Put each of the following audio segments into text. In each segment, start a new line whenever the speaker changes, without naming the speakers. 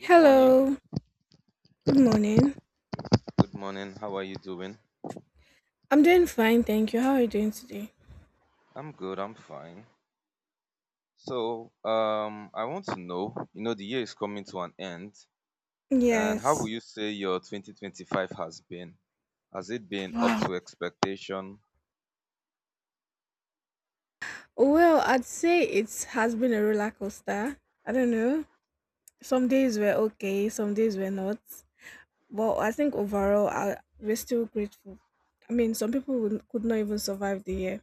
Good morning.
Good morning.
Good morning. How are you doing?
I'm doing fine, thank you. How are you doing today?
I'm good. I'm fine. So, I want to know, you know, the year is coming to an end, and how will
Yes.
you say your 2025 has been? Has it been up
Wow.
to expectation?
Well, I'd say it has been a roller coaster. I don't know. Some days were okay, some days were not. But I think overall, we're still grateful. I mean, some people could not even survive the year.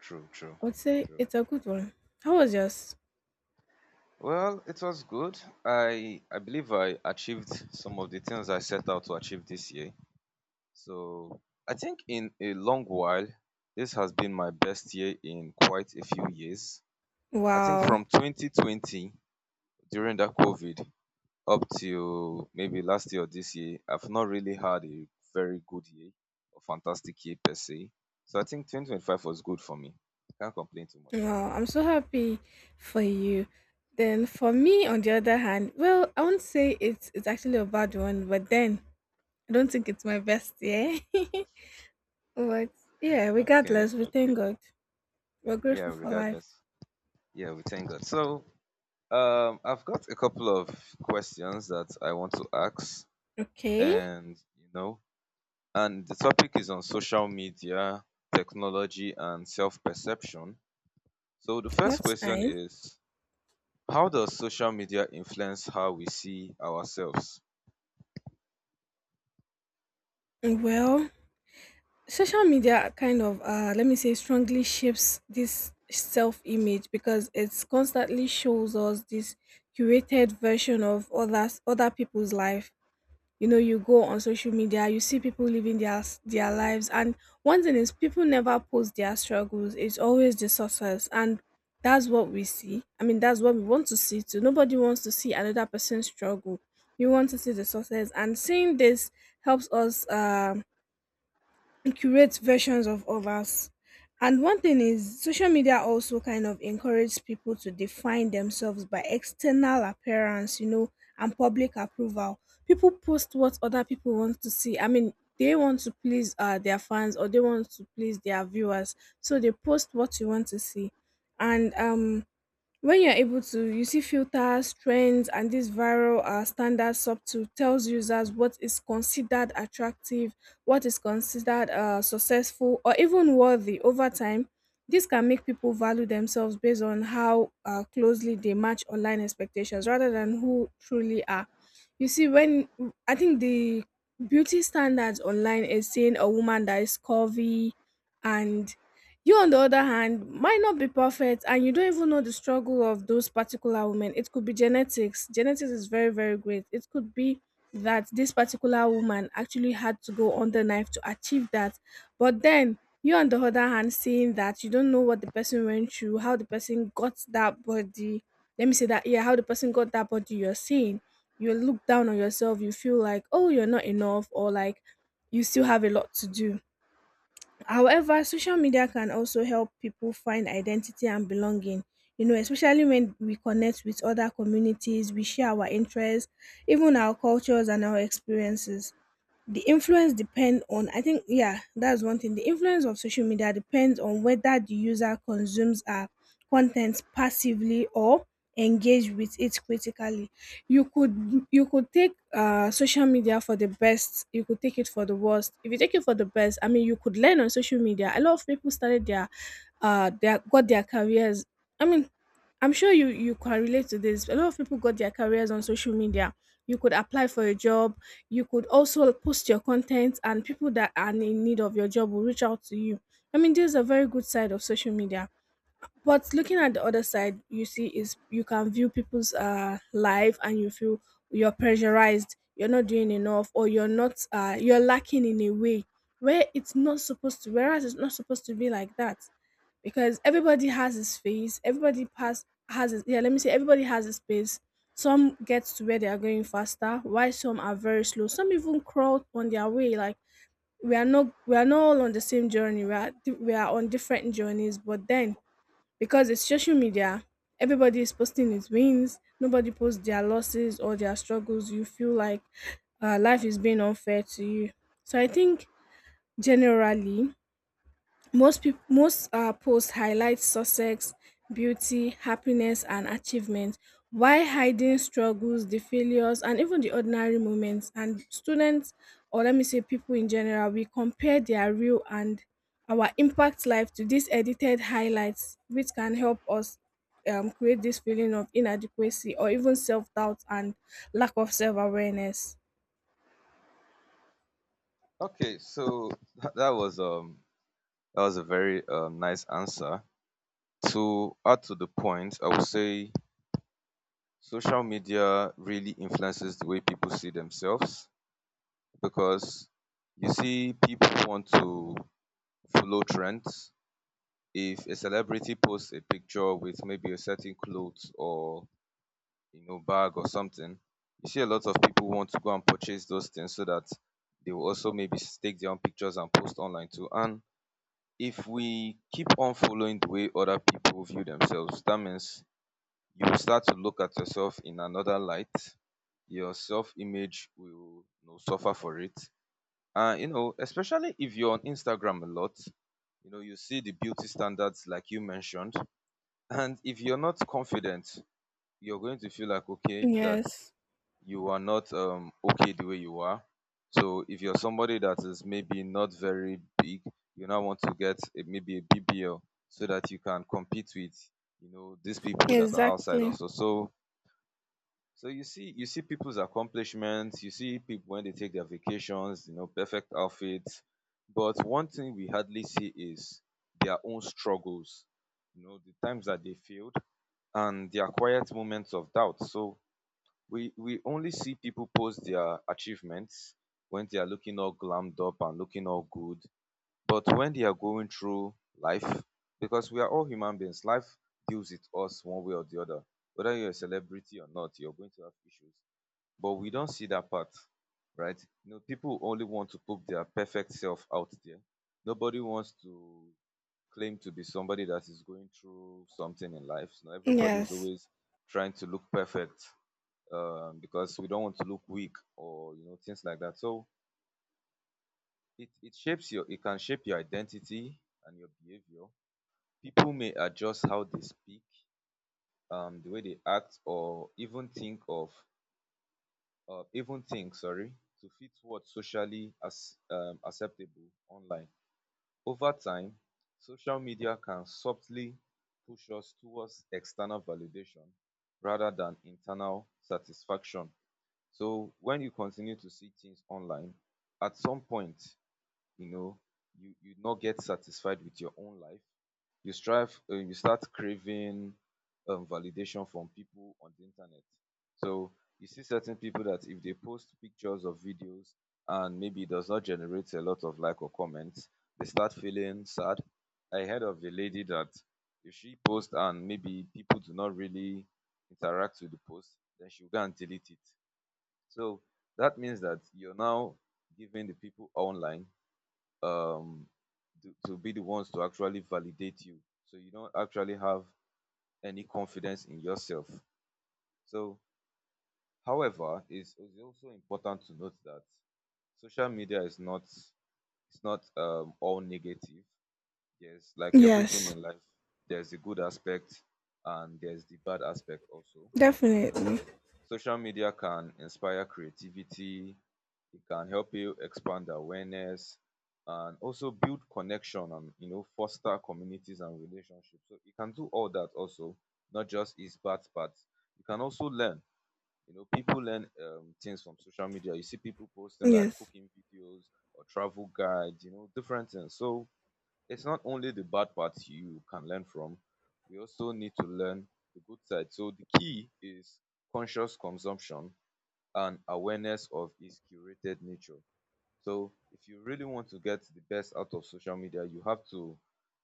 True, true,
I would say
true.
it's a good one. How was yours?
Well, it was good. I believe I achieved some of the things I set out to achieve this year. So, I think in a long while, this has been my best year in quite a few years. I think
Wow.
from 2020 during that COVID up till maybe last year or this year, I've not really had a very good year or fantastic year per se. So I think 2025 was good for me. Can't complain too much.
Wow. I'm so happy for you. Then for me, on the other hand, well, I won't say it's actually a bad one, but then I don't think it's my best year. But yeah,
Okay,
regardless, we
okay.
thank God. We're grateful
Yeah,
for life.
regardless. Yeah, we thank God. So, I've got a couple of questions that I want to ask,
Okay,
and you know, and the topic is on social media, technology, and self perception. So, the first
that's
question
nice.
is: how does social media influence how we see ourselves?
Well, social media kind of, let me say, strongly shapes this self image because it's constantly shows us this curated version of others, other people's life. You know, you go on social media, you see people living their lives. And one thing is, people never post their struggles. It's always the success. And that's what we see. I mean, that's what we want to see too. Nobody wants to see another person's struggle. You want to see the success. And seeing this helps us and curate versions of others. And one thing is, social media also kind of encourages people to define themselves by external appearance, and public approval. People post what other people want to see. I mean, they want to please their fans, or they want to please their viewers. So they post what you want to see. And when you're able to, you see filters, trends, and this viral standard subtool tells users what is considered attractive, what is considered successful, or even worthy over time. This can make people value themselves based on how closely they match online expectations rather than who truly are. You see, when I think the beauty standards online is seeing a woman that is curvy, and you, on the other hand, might not be perfect, and you don't even know the struggle of those particular women. It could be genetics. Genetics is very, very great. It could be that this particular woman actually had to go on the knife to achieve that. But then, you, on the other hand, seeing that, you don't know what the person went through, how the person got that body. Let me say that, yeah, how the person got that body you're seeing. You look down on yourself, you feel like, oh, you're not enough, or like you still have a lot to do. However, social media can also help people find identity and belonging, especially when we connect with other communities, we share our interests, even our cultures and our experiences. The influence depend on, I think, yeah, that's one thing. The influence of social media depends on whether the user consumes our content passively or engage with it critically. You could take social media for the best, you could take it for the worst. If you take it for the best, I mean, you could learn on social media. A lot of people started their got their careers. I mean, I'm sure you can relate to this. A lot of people got their careers on social media. You could apply for a job, you could also post your content, and people that are in need of your job will reach out to you. I mean, there's a very good side of social media. But looking at the other side, you see is you can view people's life, and you feel you're pressurized, you're not doing enough, or you're not you're lacking in a way where it's not supposed to. Whereas it's not supposed to be like that because everybody has his phase. Everybody pass has his, yeah. Let me say everybody has his pace. Some get to where they are going faster, while some are very slow. Some even crawl on their way. Like, we are not all on the same journey. We are on different journeys. But then because it's social media, everybody is posting its wins. Nobody posts their losses or their struggles. You feel like life is being unfair to you. So I think generally most posts highlight success, beauty, happiness and achievement while hiding struggles, the failures and even the ordinary moments. And students, or let me say people in general, we compare their real and our impact life to these edited highlights which can help us create this feeling of inadequacy or even self-doubt and lack of self-awareness.
Okay, so tha- that was um that was a very nice answer. To add to the point, I would say social media really influences the way people see themselves because you see people want to follow trends. If a celebrity posts a picture with maybe a certain clothes or you know, bag or something, you see a lot of people want to go and purchase those things so that they will also maybe take their own pictures and post online too. And if we keep on following the way other people view themselves, that means you will start to look at yourself in another light. Your self image will, you know, suffer for it. And, you know, especially if you're on Instagram a lot, you know, you see the beauty standards like you mentioned. And if you're not confident, you're going to feel like, okay, that
Yes,
you are not okay the way you are. So if you're somebody that is maybe not very big, you now want to get a, maybe a BBL so that you can compete with, you know, these people that are outside
exactly.
also. So you see people's accomplishments, you see people when they take their vacations, you know, perfect outfits. But one thing we hardly see is their own struggles, you know, the times that they failed and their quiet moments of doubt. So we only see people post their achievements when they are looking all glammed up and looking all good. But when they are going through life, because we are all human beings, life deals with us one way or the other. Whether you're a celebrity or not, you're going to have issues. But we don't see that part, right? You know, people only want to put their perfect self out there. Nobody wants to claim to be somebody that is going through something in life. So everybody's
Yes,
always trying to look perfect because we don't want to look weak or, you know, things like that. So it can shape your identity and your behavior. People may adjust how they speak, the way they act, or even think of even think sorry, to fit what's socially as acceptable online. Over time, social media can subtly push us towards external validation rather than internal satisfaction. So when you continue to see things online, at some point, you know, you not get satisfied with your own life. You start craving validation from people on the internet. So you see certain people that if they post pictures or videos and maybe it does not generate a lot of like or comments, they start feeling sad. I heard of a lady that if she posts and maybe people do not really interact with the post, then she'll go and delete it. So that means that you're now giving the people online um, to be the ones to actually validate you. So you don't actually have any confidence in yourself. So, however, it's also important to note that social media is not, it's not all negative. There's, like everything
yes,
in life. There's the good aspect and there's the bad aspect also. So you
definitely.
know, social media can inspire creativity, it can help you expand awareness and also build connection and you know foster communities and relationships. So you can do all that also, not just its bad part. You can also learn. You know, people learn things from social media. You see people posting like
Yes.
cooking videos or travel guides, you know, different things. So it's not only the bad parts you can learn from, we also need to learn the good side. So the key is conscious consumption and awareness of its curated nature. So if you really want to get the best out of social media, you have to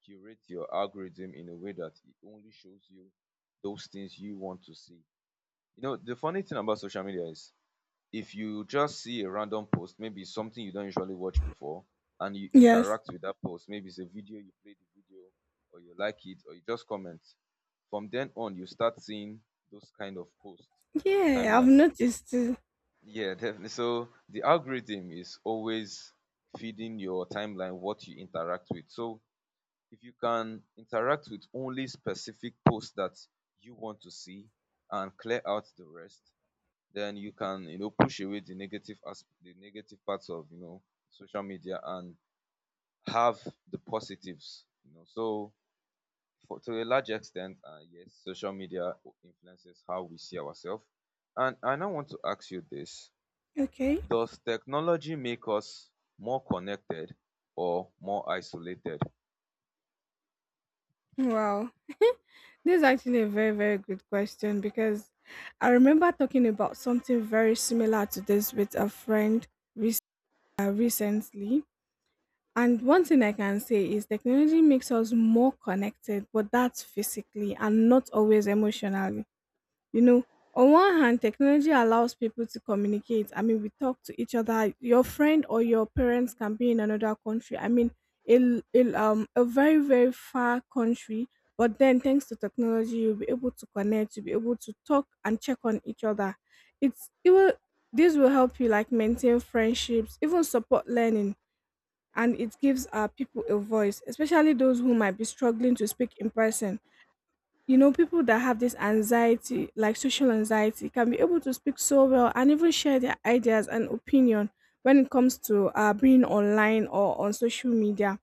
curate your algorithm in a way that it only shows you those things you want to see. You know, the funny thing about social media is, if you just see a random post, maybe it's something you don't usually watch before, and you
Yes.
interact with that post, maybe it's a video, you play the video, or you like it, or you just comment. From then on, you start seeing those kind of posts on your
Yeah, I've
timeline.
noticed too.
Yeah, definitely. So the algorithm is always feeding your timeline what you interact with. So if you can interact with only specific posts that you want to see and clear out the rest, then you can, you know, push away the negative, as the negative parts of, you know, social media, and have the positives, you know. So for, to a large extent, yes, social media influences how we see ourselves. And I now want to ask you this:
Okay.
does technology make us more connected or more isolated?
Wow. This is actually a very, very good question because I remember talking about something very similar to this with a friend rec- recently. And one thing I can say is, technology makes us more connected, but that's physically and not always emotionally. You know, on one hand, technology allows people to communicate. I mean, we talk to each other. Your friend or your parents can be in another country. I mean, in a very very far country, but then thanks to technology, you'll be able to connect. You'll be able to talk and check on each other. It's it will this will help you like maintain friendships, even support learning, and it gives people a voice, especially those who might be struggling to speak in person. You know, people that have this anxiety, like social anxiety, can be able to speak so well and even share their ideas and opinion when it comes to being online or on social media,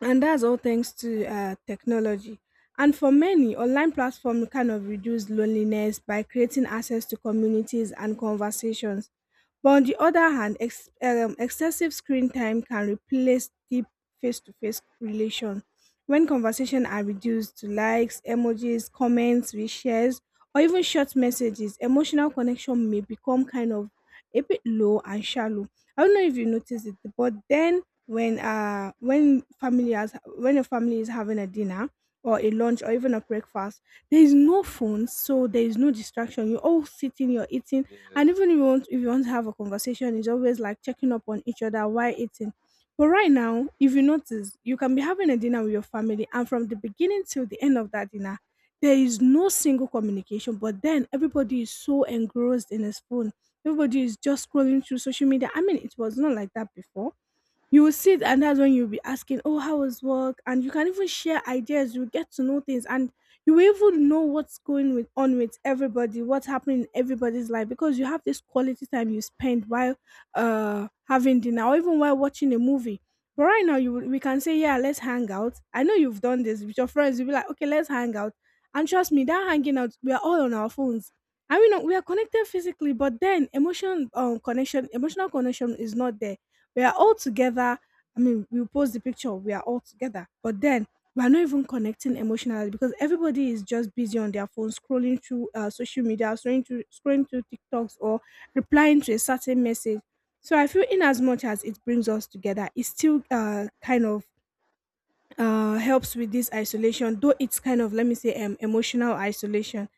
and that's all thanks to technology. And for many, online platform kind of reduce loneliness by creating access to communities and conversations. But on the other hand, excessive screen time can replace deep face-to-face relation when conversation are reduced to likes, emojis, comments, reshares, or even short messages. Emotional connection may become kind of a bit low and shallow. I don't know if you noticed it, but then when a family is having a dinner or a lunch or even a breakfast, there is no phone, so there is no distraction. You're all sitting, you're eating,
Yes,
and even if you want to have a conversation, it's always like checking up on each other while eating. But right now, if you notice, you can be having a dinner with your family, and from the beginning till the end of that dinner, there is no single communication, but then everybody is so engrossed in his phone. Everybody is just scrolling through social media. I mean, it was not like that before. You will sit, and that's when you'll be asking, oh, how was work? And you can even share ideas, you get to know things, and you will even know what's going on with everybody, what's happening in everybody's life because you have this quality time you spend while having dinner or even while watching a movie. But right now, we can say, yeah, let's hang out. I know you've done this with your friends. You'll be like, okay, let's hang out. And trust me, that hanging out, we are all on our phones. I mean, we are connected physically, but then emotion connection, emotional connection is not there. We are all together. I mean, we post the picture, we are all together. But then we are not even connecting emotionally because everybody is just busy on their phone, scrolling through social media, scrolling through TikToks or replying to a certain message. So I feel in as much as it brings us together, it still kind of helps with this isolation, though it's kind of, let me say, emotional isolation.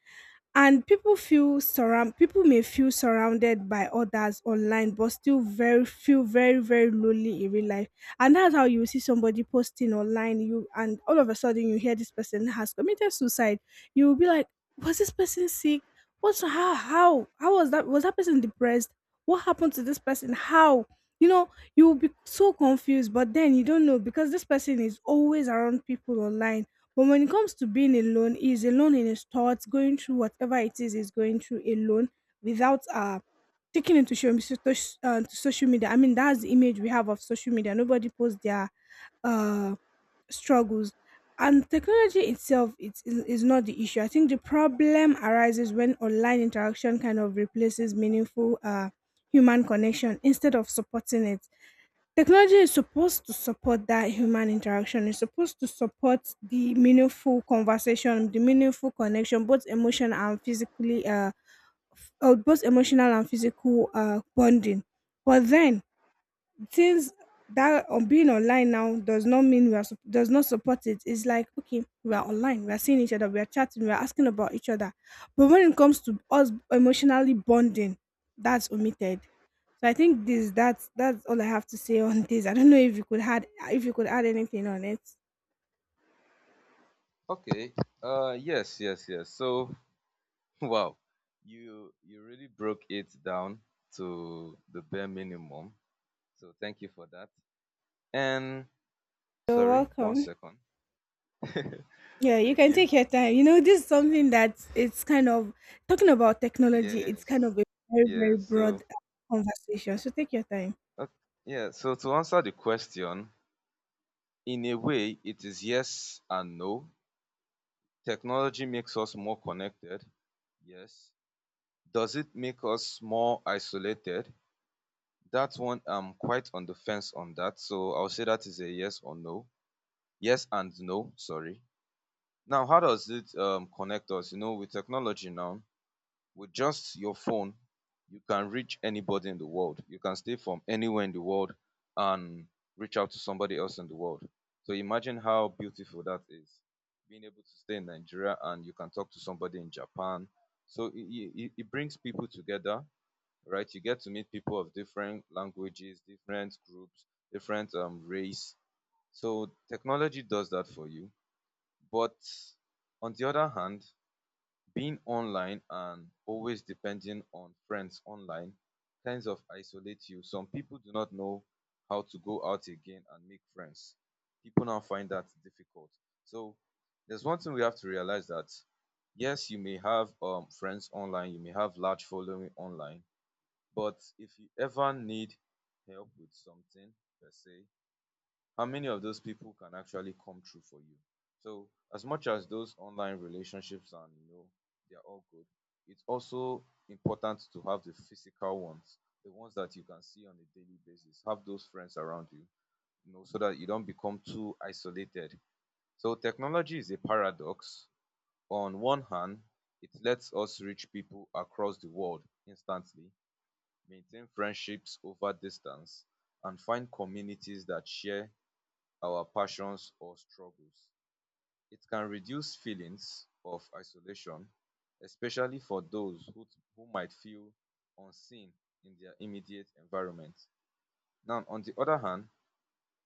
And people may feel surrounded by others online but still very feel very very lonely in real life. And that's how you see somebody posting online you and all of a sudden you hear this person has committed suicide. You will be like, was this person sick? What's How Was that person depressed? What happened to this person? How? You know, you will be so confused, but then you don't know because this person is always around people online. But when it comes to being alone, he's alone in his thoughts, going through whatever it is he's going through alone, without taking into show, to social media. I mean, that's the image we have of social media. Nobody posts their uh, struggles. And technology itself is not the issue. I think the problem arises when online interaction kind of replaces meaningful human connection instead of supporting it. Technology is supposed to support that human interaction. It's supposed to support the meaningful conversation, the meaningful connection, both emotional and physically, both emotional and physical bonding. But then things that on being online now does not mean we are does not support it. It's like okay, we are online, we are seeing each other, we are chatting, we are asking about each other, but when it comes to us emotionally bonding, that's omitted. So I think this that's all I have to say on this. I don't know if you could add anything on it.
okay. Uh, yes, so wow, you really broke it down to the bare minimum. So thank you for that. And
You're
sorry, one
welcome.
second.
Yeah, you
Thank
can
you.
take your time. This is something that it's kind of talking about technology. It's kind
Yes.
of a very very
Yes.
broad
So,
conversation. So take your time.
uh, yeah. So to answer the question, in a way, it is yes and no. Technology makes us more connected. Yes. Does it make us more isolated? That one, I'm quite on the fence on that. So I'll say that is a yes or no. Yes and no. Sorry. Now, how does it connect us? You know, with technology now, with just your phone, you can reach anybody in the world. You can stay from anywhere in the world and reach out to somebody else in the world. So imagine how beautiful that is. Being able to stay in Nigeria and you can talk to somebody in Japan. So it brings people together, right? You get to meet people of different languages, different groups, different race. So technology does that for you. But on the other hand, being online and always depending on friends online kinds of isolate you. Some people do not know how to go out again and make friends. People now find that difficult. So there's one thing we have to realize, that yes, you may have friends online, you may have large following online, but if you ever need help with something per se, how many of those people can actually come true for you? So as much as those online relationships and you know they're all good, it's also important to have the physical ones, the ones that you can see on a daily basis. Have those friends around you, you know, so that you don't become too isolated. So technology is a paradox. On one hand, it lets us reach people across the world instantly, maintain friendships over distance, and find communities that share our passions or struggles. It can reduce feelings of isolation, especially for those who might feel unseen in their immediate environment. Now, on the other hand,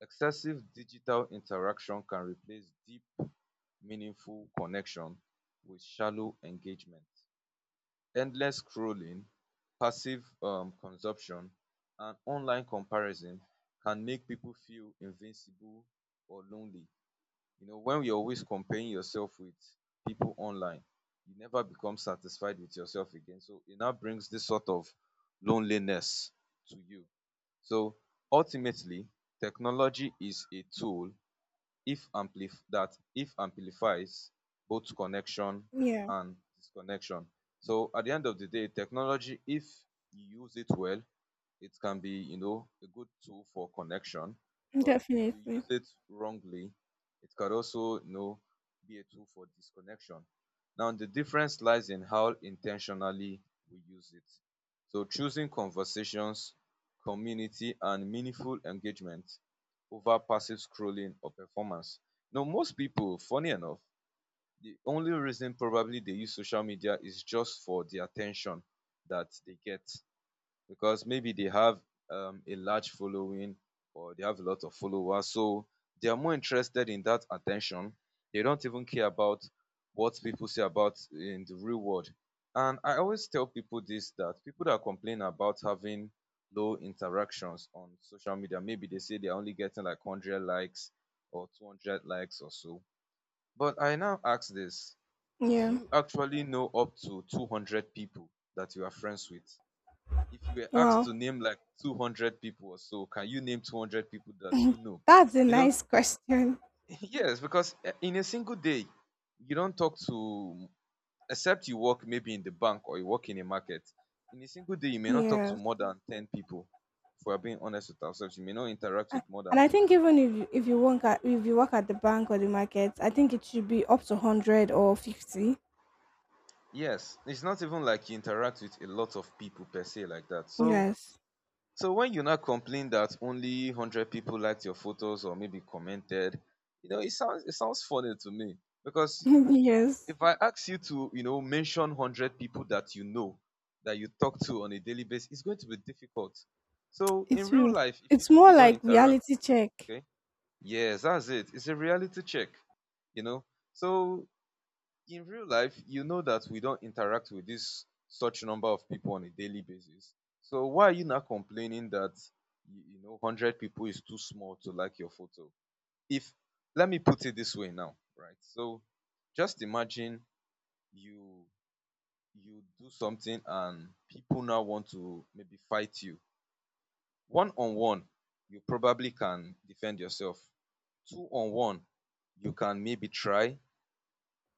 excessive digital interaction can replace deep, meaningful connection with shallow engagement. Endless scrolling, passive consumption, and online comparison can make people feel invincible or lonely. You know, when you're always comparing yourself with people online, you never become satisfied with yourself again. So it now brings this sort of loneliness to you. So ultimately, technology is a tool if amplifies both connection
Yeah.
and disconnection. So at the end of the day, technology, if you use it well, it can be, you know, a good tool for connection, but if you
Definitely.
use it wrongly, it could also, you know, be a tool for disconnection. Now, the difference lies in how intentionally we use it. So, choosing conversations, community, and meaningful engagement over passive scrolling or performance. Now, most people, funny enough, the only reason probably they use social media is just for the attention that they get because maybe they have a large following or they have a lot of followers. So they are more interested in that attention. They don't even care about what people say about in the real world. And I always tell people this, that people that complain about having low interactions on social media, maybe they say they're only getting like 100 likes or 200 likes or so. But I now ask this, do
Yeah.
you actually know up to 200 people that you are friends with? If you were asked
Wow.
to name like 200 people or so, can you name 200 people that you know?
That's a
You know,
nice question.
yes, because eh, in a single day, you don't talk to, except you work maybe in the bank or you work in a market. In a single day, you may not talk to
Yes.
more than 10 people. If we're being honest with ourselves, you may not interact
I-
with more
And
than
I think
15
even
people.
if you, if you work at the bank or the market, I think it should be up to 100 or 50.
Yes, it's not even like you interact with a lot of people per se like that. So
Yes.
So when you now complain that only 100 people liked your photos or maybe commented, you know, it sounds funny to me because
yes.
if I ask you to, you know, mention 100 people that you know, that you talk to on a daily basis, it's going to be difficult. So in
It's
real
will.
life, if you
It's
know
more
you don't
like
interact,
reality check.
okay, yes, that's it. It's a reality check, you know. So in real life, you know that we don't interact with this such number of people on a daily basis. So why are you not complaining that you know hundred people is too small to like your photo? If, let me put it this way now, right? So just imagine you you do something and people now want to maybe fight you. One on one, you probably can defend yourself. Two on one, you can maybe try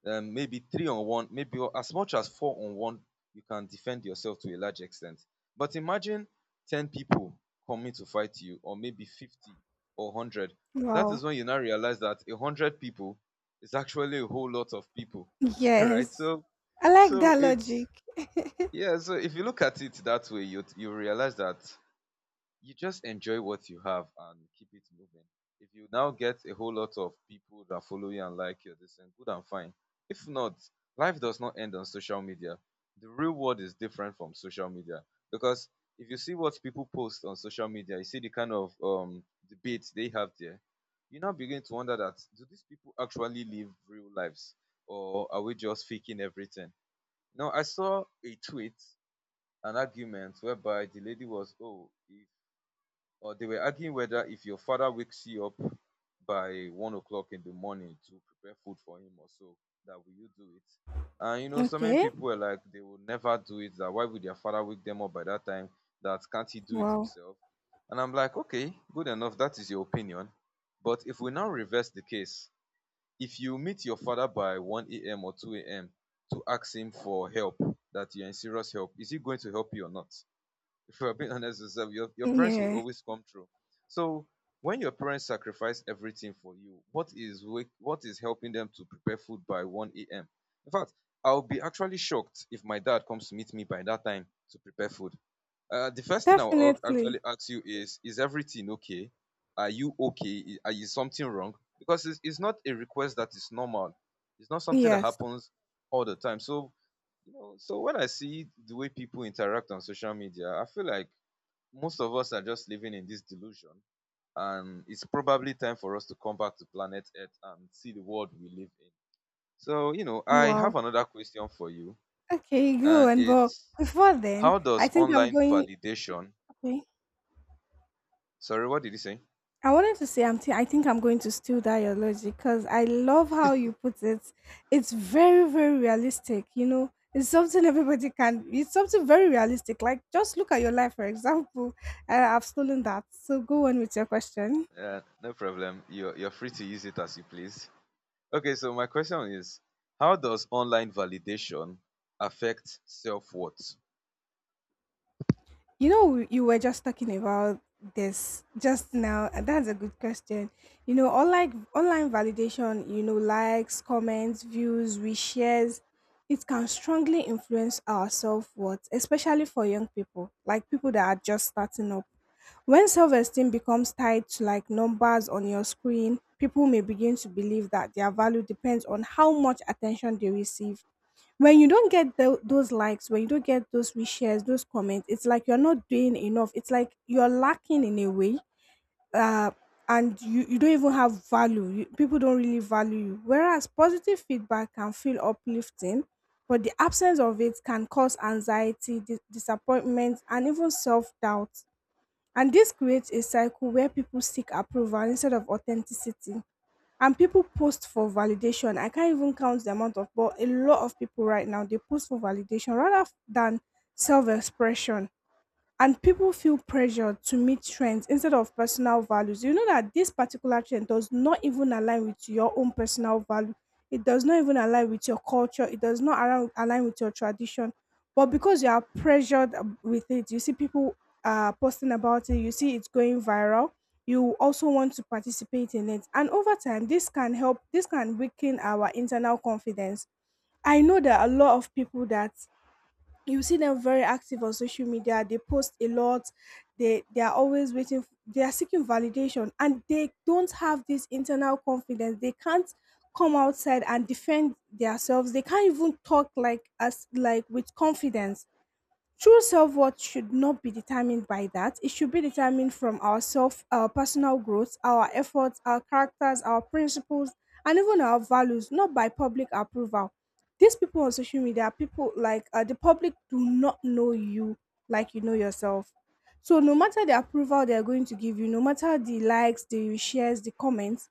maybe three on one, maybe as much as four on one, you can defend yourself to a large extent. But imagine 10 people coming to fight you, or maybe 50 or 100. That
Wow.
is when you now realize that 100 people is actually a whole lot of people, right?
Yes.
So,
I like
so
that logic.
it's, yeah, so if you look at it that way, you realize that you just enjoy what you have and keep it moving. If you now get a whole lot of people that follow you and like you, this and good and fine. If not, life does not end on social media. The real world is different from social media because if you see what people post on social media, you see the kind of debates they have there. You now begin to wonder that do these people actually live real lives or are we just faking everything? Now I saw a tweet, an argument whereby the lady was, oh, if or they were arguing whether if your father wakes you up by 1 o'clock in the morning to prepare food for him or so, that will you do it? And you know, so many
Okay.
people were like, they will never do it. That why would their father wake them up by that time? That can't he do it
Wow.
himself? And I'm like, okay, good enough. That is your opinion. But if we now reverse the case, if you meet your father by 1 a.m. or 2 a.m. to ask him for help, that you're in serious help, is he going to help you or not? If we are being honest with yourself, your parents will
Yeah.
always come through. So when your parents sacrifice everything for you, what is helping them to prepare food by 1 a.m.? In fact, I'll be actually shocked if my dad comes to meet me by that time to prepare food. The first thing I'll actually
Definitely.
ask you is everything okay? Are you okay? Is something wrong? Because it's not a request that is normal. It's not something that
Yes.
happens all the time. So you know, so when I see the way people interact on social media, I feel like most of us are just living in this delusion, and it's probably time for us to come back to planet earth and see the world we live in. So you know, I
Wow.
have another question for you,
Okay,
and
good. But
it's,
before then,
how
I
does
think I'm
online
going.
validation,
Okay.
sorry, what did you say?
I wanted to say I think I'm going to steal that your logic because I love how you put it. It's very, very realistic, you know. It's something everybody can, it's something very realistic. Like just look at your life, for example. I've stolen that. So go on with your question.
No problem, you're free to use it as you please. Okay, so my question is, how does online validation affect self-worth?
You know, you were just talking about this just now. And That's a good question. Online validation, you know, likes, comments, views, reshares, it can strongly influence our self-worth, especially for young people, like people that are just starting up. When self-esteem becomes tied to like numbers on your screen, people may begin to believe that their value depends on how much attention they receive. When you don't get those likes, when you don't get those reshares, those comments, it's like you're not doing enough, it's like you're lacking in a way. uh and you don't even have value, people don't really value you, whereas positive feedback can feel uplifting, but the absence of it can cause anxiety, disappointment and even self-doubt. And this creates a cycle where people seek approval instead of authenticity, and people post for validation. I can't even count the amount of, but a lot of people right now they post for validation rather than self-expression, and people feel pressured to meet trends instead of personal values. You know that this particular trend does not even align with your own personal value. It does not even align with your culture. It does not align with your tradition. But because you are pressured with it, you see people posting about it, you see it's going viral, you also want to participate in it. And over time, this can weaken our internal confidence. I know there are a lot of people that you see them very active on social media, they post a lot, they are always waiting, they are seeking validation, and they don't have this internal confidence. They can't come outside and defend themselves, they can't even talk like, as like, with confidence. True self worth should not be determined by that. It should be determined from ourself, our personal growth, our efforts, our characters, our principles, and even our values, not by public approval. These people on social media, people like the public, do not know you like you know yourself. So, no matter the approval they are going to give you, no matter the likes, the shares, the comments,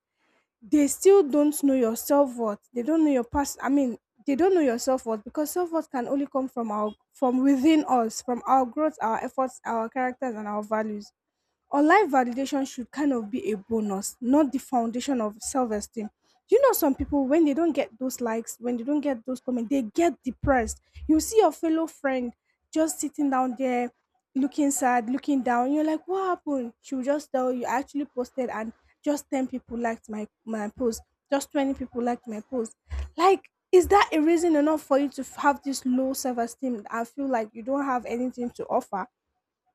they still don't know your self-worth. They don't know your past. I mean, they don't know your self-worth, because self-worth can only come from our from within us, from our growth, our efforts, our characters and our values. Online validation should kind of be a bonus, not the foundation of self esteem. You know, some people, when they don't get those likes, when they don't get those comments, they get depressed. You see your fellow friend just sitting down there, looking sad, looking down. You're like, what happened? She'll just tell you, I actually posted and just 10 people liked my post, just 20 people liked my post. Like, is that a reason enough for you to have this low self esteem and feel like you don't have anything to offer?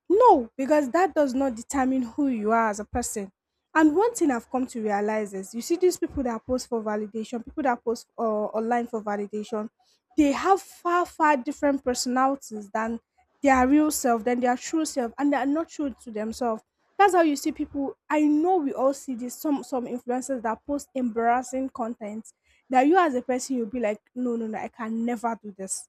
No, because that does not determine who you are as a person. And one thing I've come to realize is, you see these people that post for validation, people that post online for validation, they have far, far different personalities than their real self, than their true self, and they are not true to themselves. That's how you see people. I know we all see this. Some influencers that post embarrassing content, that you as a person you'll be like, no, no, no,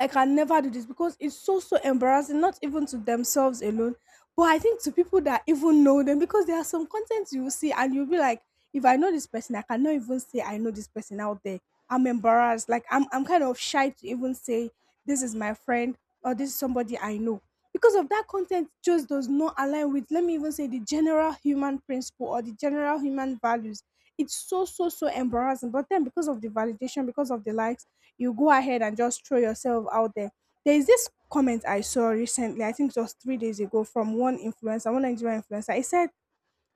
I can never do this because it's so so embarrassing, not even to themselves alone, but I think to people that even know them, because there are some content you will see and you'll be like, if I know this person, I cannot even say I know this person out there. I'm embarrassed. Like I'm kind of shy to even say this is my friend or this is somebody I know. Because of that content just does not align with, let me even say, the general human principle or the general human values. It's so so so embarrassing. But then because of the validation, because of the likes, you go ahead and just throw yourself out there. There is this comment I saw recently, I think it was 3 days ago, from one influencer, one Nigerian influencer. He said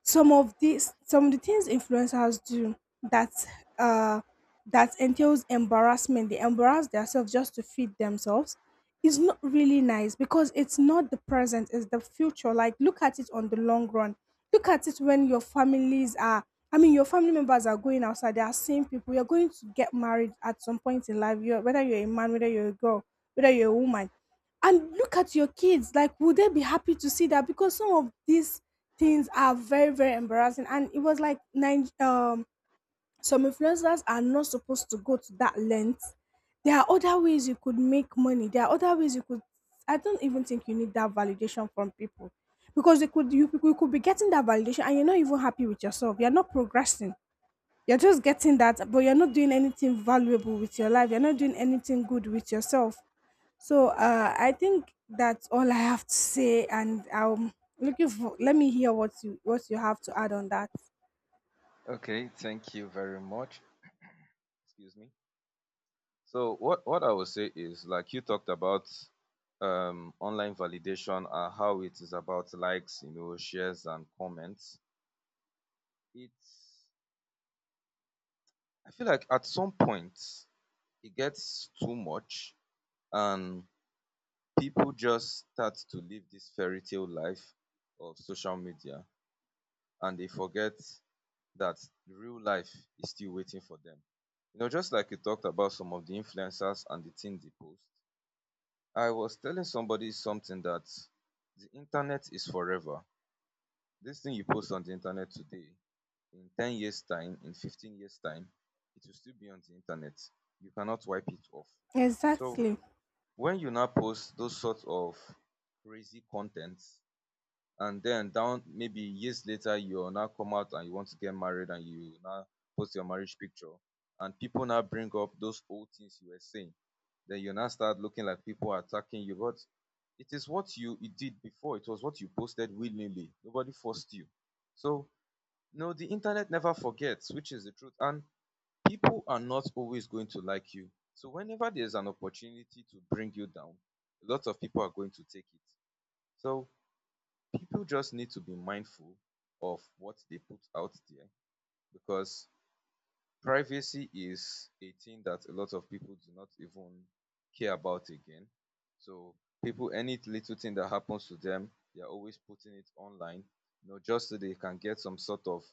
some of the things influencers do that uh that entails embarrassment, they embarrass themselves just to feed themselves, is not really nice, because it's not the present, it's the future. Like look at it on the long run, look at it when your families are, I mean your family members are going outside, they are seeing people. You're going to get married at some point in life, whether you're a man, whether you're a girl, whether you're a woman, and look at your kids, like would they be happy to see that, because some of these things are very very embarrassing. And it was like nine, um, some influencers are not supposed to go to that length. There are other ways you could make money, there are other ways you could, I don't even think you need that validation from people, because they could you could be getting that validation and you're not even happy with yourself, you're not progressing, you're just getting that but you're not doing anything valuable with your life, you're not doing anything good with yourself. So I think that's all I have to say, and I'm looking for. Let me hear what you, what you have to add on that.
Okay, thank you very much. Excuse me. So what I would say is, like you talked about online validation and how it is about likes, you know, shares and comments. It's, I feel like at some point it gets too much, and people just start to live this fairy tale life of social media, and they forget that real life is still waiting for them. You know, just like you talked about some of the influencers and the things they post. I was telling somebody something, that the internet is forever. This thing you post on the internet today, in 10 years' time, in 15 years' time, it will still be on the internet. You cannot wipe it off. So
Exactly.
when you now post those sorts of crazy contents, and then down maybe years later you now come out and you want to get married and you now post your marriage picture, and people now bring up those old things you were saying, then you now start looking like people are attacking you. But it is it did before. It was what you posted willingly. Nobody forced you. So, no, the internet never forgets, which is the truth. And people are not always going to like you. So, whenever there's an opportunity to bring you down, a lot of people are going to take it. So, people just need to be mindful of what they put out there, because privacy is a thing that a lot of people do not even care about again. So people, any little thing that happens to them, they're always putting it online, you know, just so they can get some sort of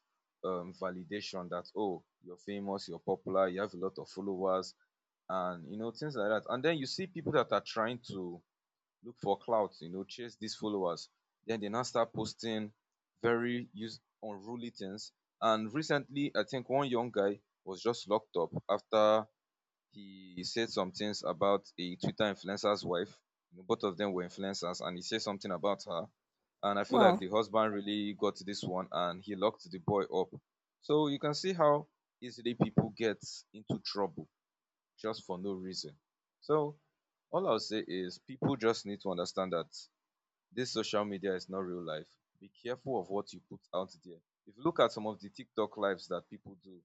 validation that oh, you're famous, you're popular, you have a lot of followers, and you know things like that. And then you see people that are trying to look for clout, you know, chase these followers. Then they now start posting very use unruly things. And recently, I think one young guy was just locked up after he said some things about a Twitter influencer's wife. You know, both of them were influencers, and he said something about her. And I feel like
Wow.
the husband really got this one, and he locked the boy up. So you can see how easily people get into trouble just for no reason. So all I'll say is people just need to understand that this social media is not real life. Be careful of what you put out there. If you look at some of the TikTok lives that people do,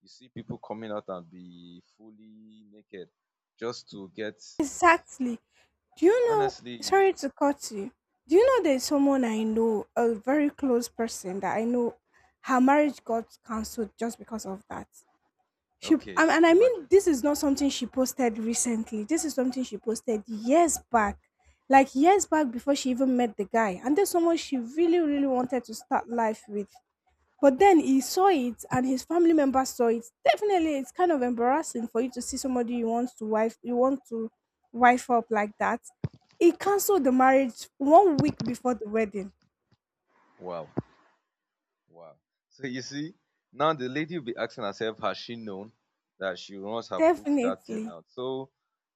you see people coming out and be fully naked just to get,
Exactly. Do you know?
honestly,
Sorry to cut you. Do you know there's someone I know, a very close person that I know, her marriage got cancelled just because of that. She
okay,
and I mean
imagine.
this is not something she posted recently. This is something she posted years back. Like years back, before she even met the guy. And there's someone she really, really wanted to start life with. But then he saw it and his family members saw it. Definitely it's kind of embarrassing for you to see somebody you want to wife, you want to wife up like that. He cancelled the marriage 1 week before the wedding.
Wow. Wow. So you see, now the lady will be asking herself, has she known that she must have put that thing
Definitely.
out? So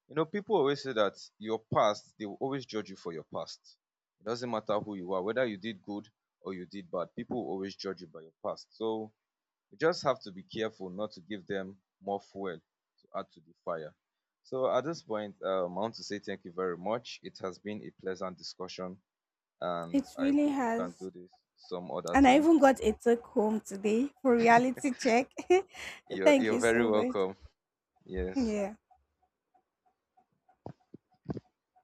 you know, people always say that your past, they will always judge you for your past. It doesn't matter who you are, whether you did good or you did bad, people will always judge you by your past. So you just have to be careful not to give them more fuel to add to the fire. So at this point, I want to say thank you very much. It has been a pleasant discussion, and
It
I
really
hope we can
has.
do this some other
And I
time.
even got a take home today for reality check. Thank
You're
you so
very
much.
welcome. Yes.
Yeah.